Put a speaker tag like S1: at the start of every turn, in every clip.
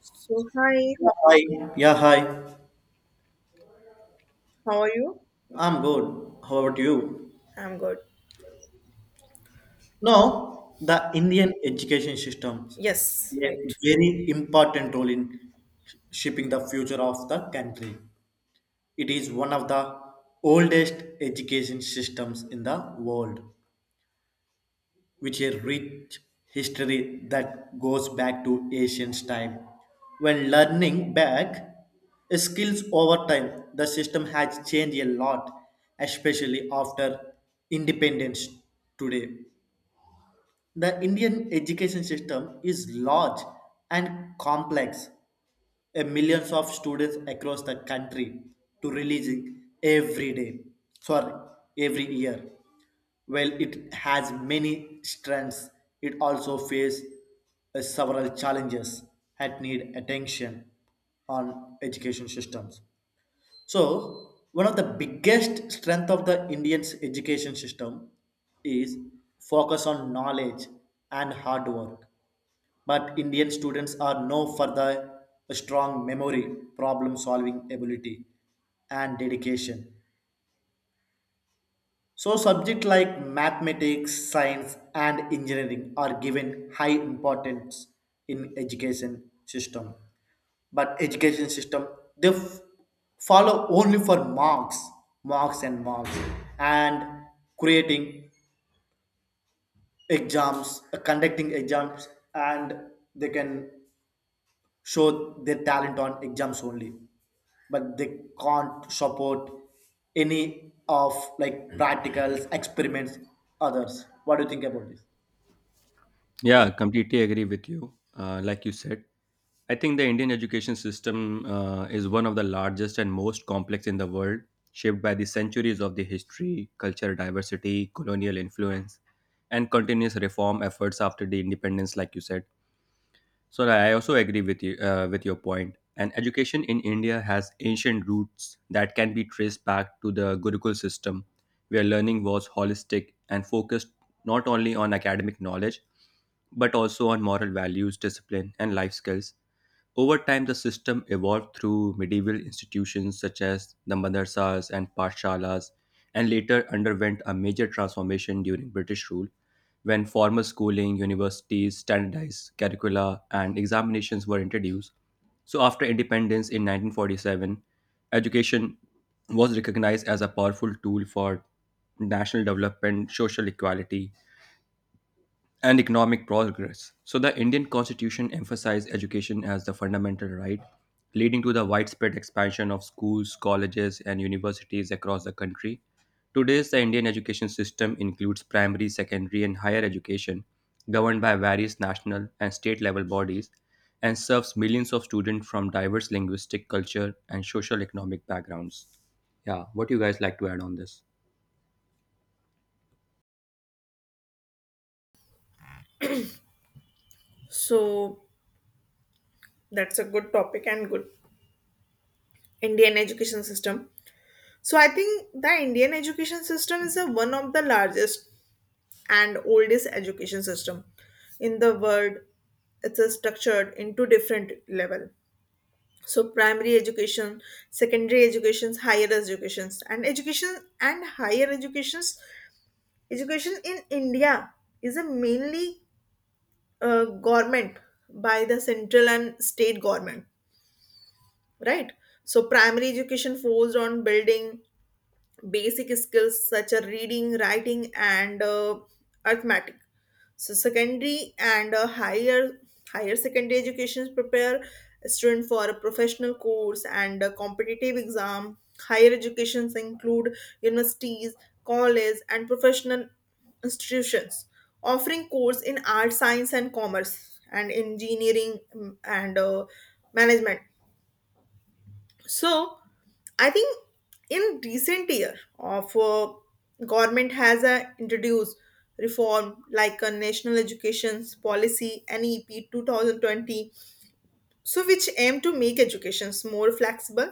S1: So, hi,
S2: Yeah, hi. Yeah, hi.
S1: how are you?
S2: I'm good. How about you?
S1: I'm good.
S2: No, the Indian education system
S1: Yes,
S2: play a
S1: right.
S2: very important role in shaping the future of the country. It is one of the oldest education systems in the world, with a rich history that goes back to ancient time. When learning back skills over time, the system has changed a lot, especially after independence today. The Indian education system is large and complex, a millions of students across the country to releasing every day, sorry, every year. While it has many strengths, it also faces several challenges that need attention on education systems. So one of the biggest strength of the indian's education system is focus on knowledge and hard work, but Indian students are known for the strong memory, problem solving ability, and dedication. So, subjects like mathematics, science, and engineering are given high importance in education system. But education system, they follow only for marks, marks and marks, and creating exams, conducting exams, and they can show their talent on exams only, but they can't support any of, like, practicals experiments, others. What do you think about this?
S3: Yeah, completely agree with you. Like you said, I think the Indian education system is one of the largest and most complex in the world, shaped by the centuries of the history, cultural diversity, colonial influence, and continuous reform efforts after the independence, like you said. So I also agree with you with your point. And education in India has ancient roots that can be traced back to the Gurukul system, where learning was holistic and focused not only on academic knowledge but also on moral values, discipline, and life skills. Over time, the system evolved through medieval institutions such as the madrasas and pathshalas, and later underwent a major transformation during British rule, when formal schooling, universities, standardized curricula, and examinations were introduced. So, after independence in 1947, education was recognized as a powerful tool for national development, social equality, and economic progress. So, the Indian constitution emphasized education as the fundamental right, leading to the widespread expansion of schools, colleges, and universities across the country. Today, the Indian education system includes primary, secondary, and higher education, governed by various national and state level bodies, and serves millions of students from diverse linguistic, culture, and social economic backgrounds. Yeah, what do you guys like to add on this?
S1: So, that's a good topic and good Indian education system. So, I think the Indian education system is one of the largest and oldest education system in the world. It's a structured into different level. So, primary education, secondary educations, higher educations, and education and higher educations. Education in India is a mainly government by the central and state government, right? So primary education forced on building basic skills such as reading, writing, and arithmetic. So secondary and higher secondary educations prepare a student for a professional course and a competitive exam. Higher educations include universities, college, and professional institutions offering course in art, science, and commerce, and engineering and management. So I think in recent year of government has introduced reform like a national education policy NEP 2020, so which aim to make educations more flexible,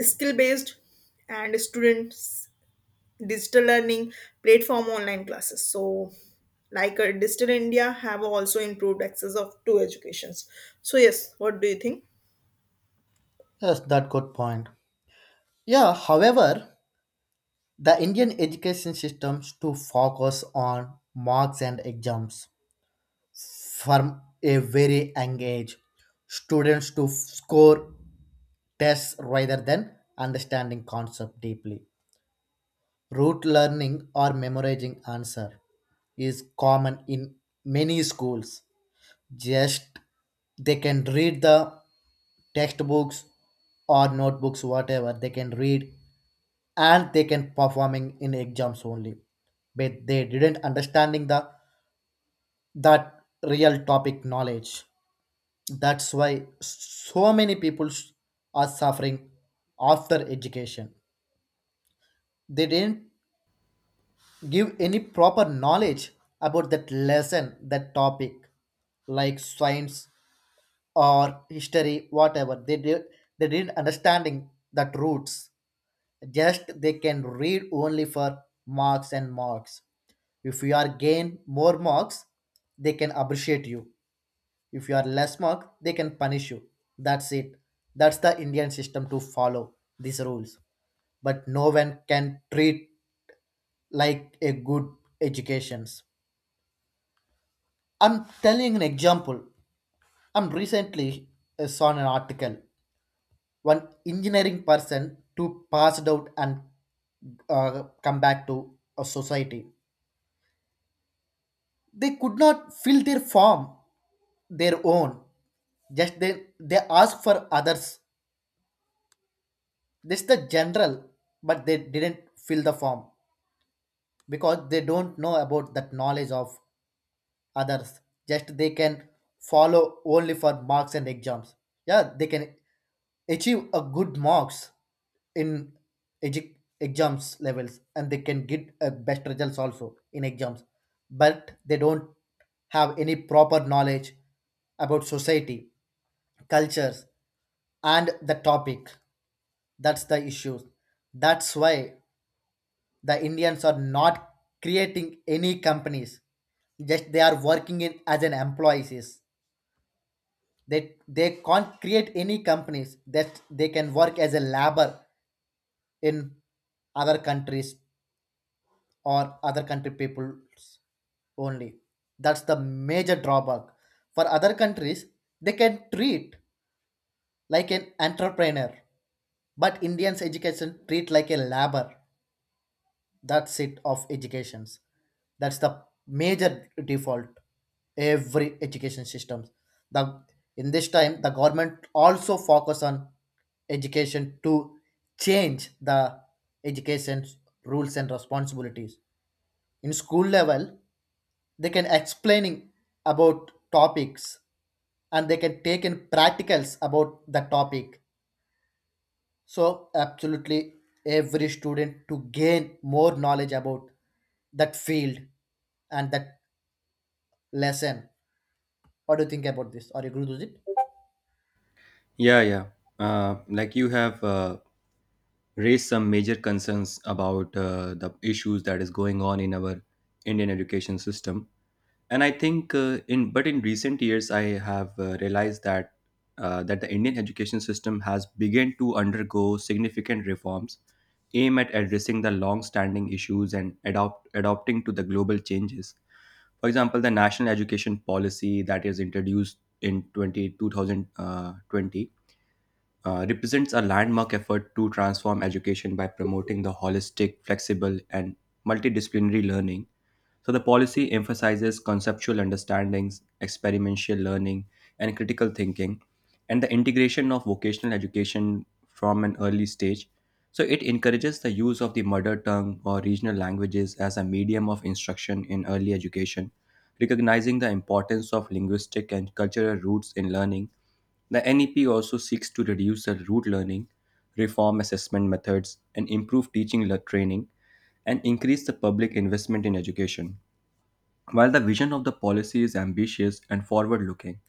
S1: skill based, and students digital learning platform online classes. So like digital india have also improved access of to educations. So yes, what do you think?
S2: Yes, that good point. Yeah, however, the Indian education systems to focus on marks and exams from a very young age. Students to score tests rather than understanding concept deeply. Rote learning or memorizing answer is common in many schools. Just they can read the textbooks or notebooks, whatever they can read, and they can performing in exams only. But they didn't understanding the that real topic knowledge. Schools are suffering after education. They didn't give any proper knowledge about that lesson, that topic, like science or history, whatever. They did, they didn't understanding that roots. Just they can read only for marks and marks. If you are gain more marks, they can appreciate you. If you are less mark, they can punish you. That's it. That's the Indian system to follow these rules. But no one can treat like a good educations. I'm telling an example. I'm recently saw an article. One engineering person to passed out and come back to a society. They could not fill their form their own. Just they ask for others. This the general, but they didn't fill the form because they don't know about that knowledge of others. Just they can follow only for marks and exams. Yeah, they can achieve a good marks in edu- exams levels, and they can get a best results also in exams, but they don't have any proper knowledge about society, cultures, and the topic. That's the issue. That's why the Indians are not creating any companies. Just they are working in as an employees. They can't create any companies that they can work as a labor in other countries or other country peoples only. That's the major drawback. For other countries, they can treat like an entrepreneur, but Indians education treat like a labor. That's it of educations. That's the major default every education systems. The in this time the government also focus on education to change the education rules and responsibilities in school level. They can explaining about topics, and they can take in practicals about the topic. So, absolutely every student to gain more knowledge about that field and that lesson. What do you think about this? Are you agree with it?
S3: Yeah, yeah. Like you have raised some major concerns about the issues that is going on in our Indian education system. And I think in but in recent years, I have realized that that the Indian education system has begun to undergo significant reforms aimed at addressing the long-standing issues and adopting to the global changes. For example, the national education policy that is introduced in twenty two thousand 20 represents a landmark effort to transform education by promoting the holistic, flexible, and multidisciplinary learning. So, the policy emphasizes conceptual understandings, experiential learning, and critical thinking, and the integration of vocational education from an early stage. So, it encourages the use of the mother tongue or regional languages as a medium of instruction in early education, recognizing the importance of linguistic and cultural roots in learning. The NEP also seeks to reduce the rote learning, reform assessment methods, and improve training, and increase the public investment in education. While the vision of the policy is ambitious and forward looking,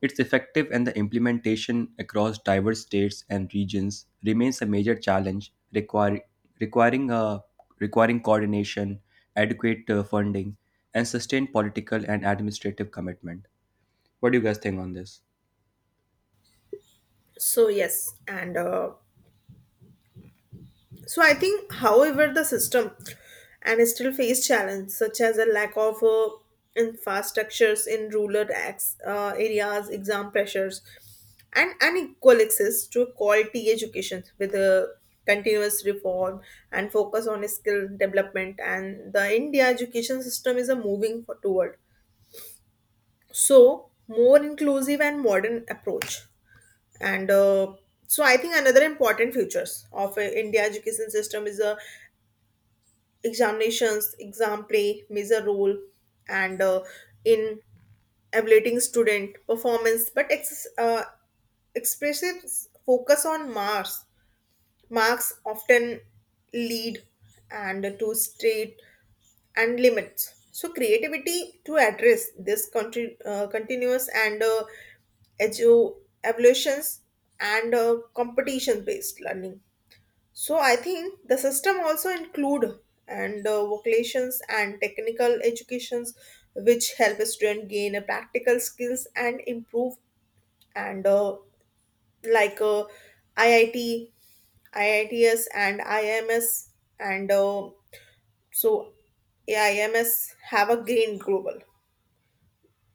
S3: its effective and the implementation across diverse states and regions remains a major challenge, requiring, coordination, adequate funding, and sustained political and administrative commitment. What do you guys think on this?
S1: So yes and So I think, however, the system and still face challenges such as a lack of infrastructures in rural areas, exam pressures, and unequal access to quality education with a continuous reform and focus on skill development. And the India education system is a moving toward so more inclusive and modern approach. And uh, so I think another important features of india education system is a examinations, exam play, major role, and in evaluating student performance. But expressive focus on marks. Marks often lead and to state and limits. So creativity to address this continuous and edu- evolutions and competition based learning. So I think the system also include and vocations and technical educations which help a student gain a practical skills and improve and like uh, IIT, IITS and IMS and so AIMS have a gain global.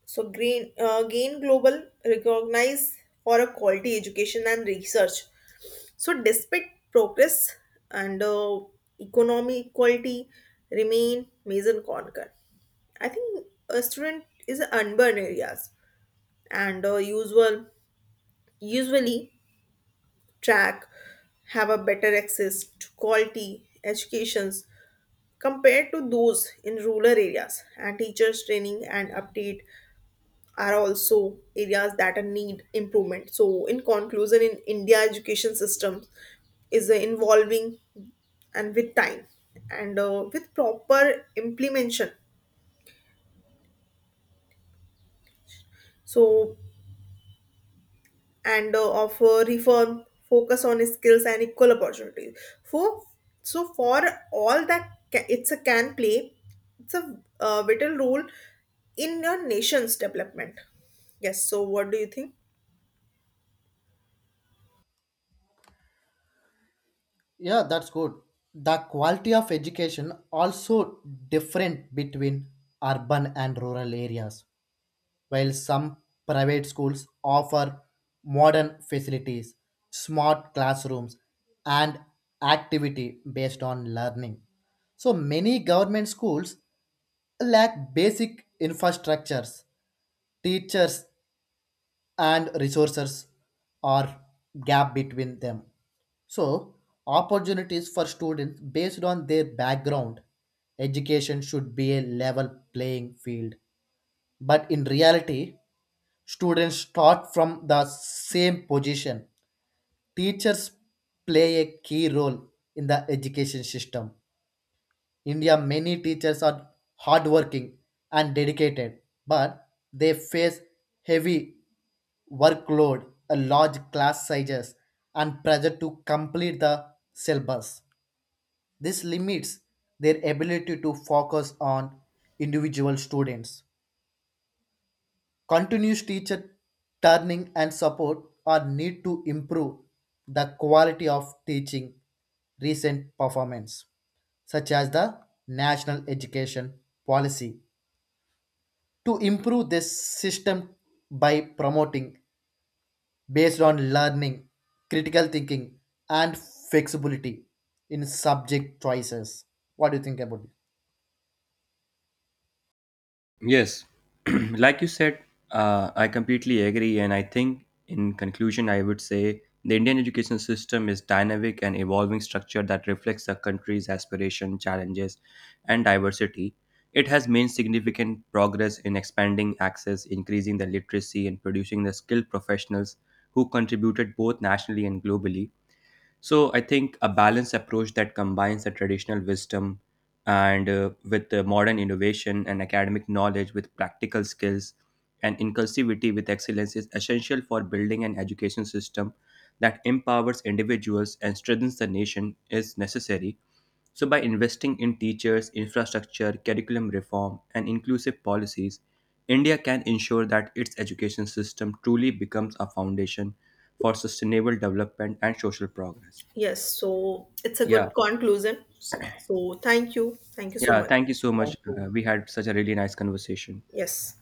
S1: So Green Gain Global recognize for a quality education and research. So despite progress and economic equality remain major concern. I think a student is urban areas and usually track have a better access to quality educations compared to those in rural areas, and teachers training and update are also areas that are need improvement. So in conclusion, in india education system is involving and with time and with proper implementation, so and of reform focus on skills and equal opportunities for, so for all it's a can play, it's a vital role in your nation's development. Yes, so what do you think?
S2: Yeah, that's good. The quality of education also different between urban and rural areas. While some private schools offer modern facilities, smart classrooms, and activity based on learning. So many government schools lack basic infrastructures, teachers, and resources, or gap between them. So, opportunities for students based on their background. Education should be a level playing field, but in reality, students start from the same position. Teachers play a key role in the education system. India many teachers are hardworking and dedicated, but they face heavy workload, a large class sizes, and pressure to complete the syllabus. This limits their ability to focus on individual students. Continuous teacher turning and support are need to improve the quality of teaching. Recent performance such as the national education policy to improve this system by promoting based on learning, critical thinking, and flexibility in subject choices. What do you think about it?
S3: Yes, like you said, I completely agree. And I think, in conclusion, I would say the Indian education system is dynamic and evolving structure that reflects the country's aspiration, challenges, and diversity. It has made significant progress in expanding access, increasing the literacy, and producing the skilled professionals who contributed both nationally and globally. So I think a balanced approach that combines the traditional wisdom and with the modern innovation and academic knowledge with practical skills and inclusivity with excellence is essential for building an education system that empowers individuals and strengthens the nation is necessary. So by investing in teachers, infrastructure, curriculum reform and inclusive policies, India can ensure that its education system truly becomes a foundation for sustainable development and social progress.
S1: Yes, so it's a
S3: Yeah.
S1: good conclusion. So, so thank you. Thank you so
S3: Yeah,
S1: much.
S3: thank you so much. We had such a really nice conversation.
S1: Yes.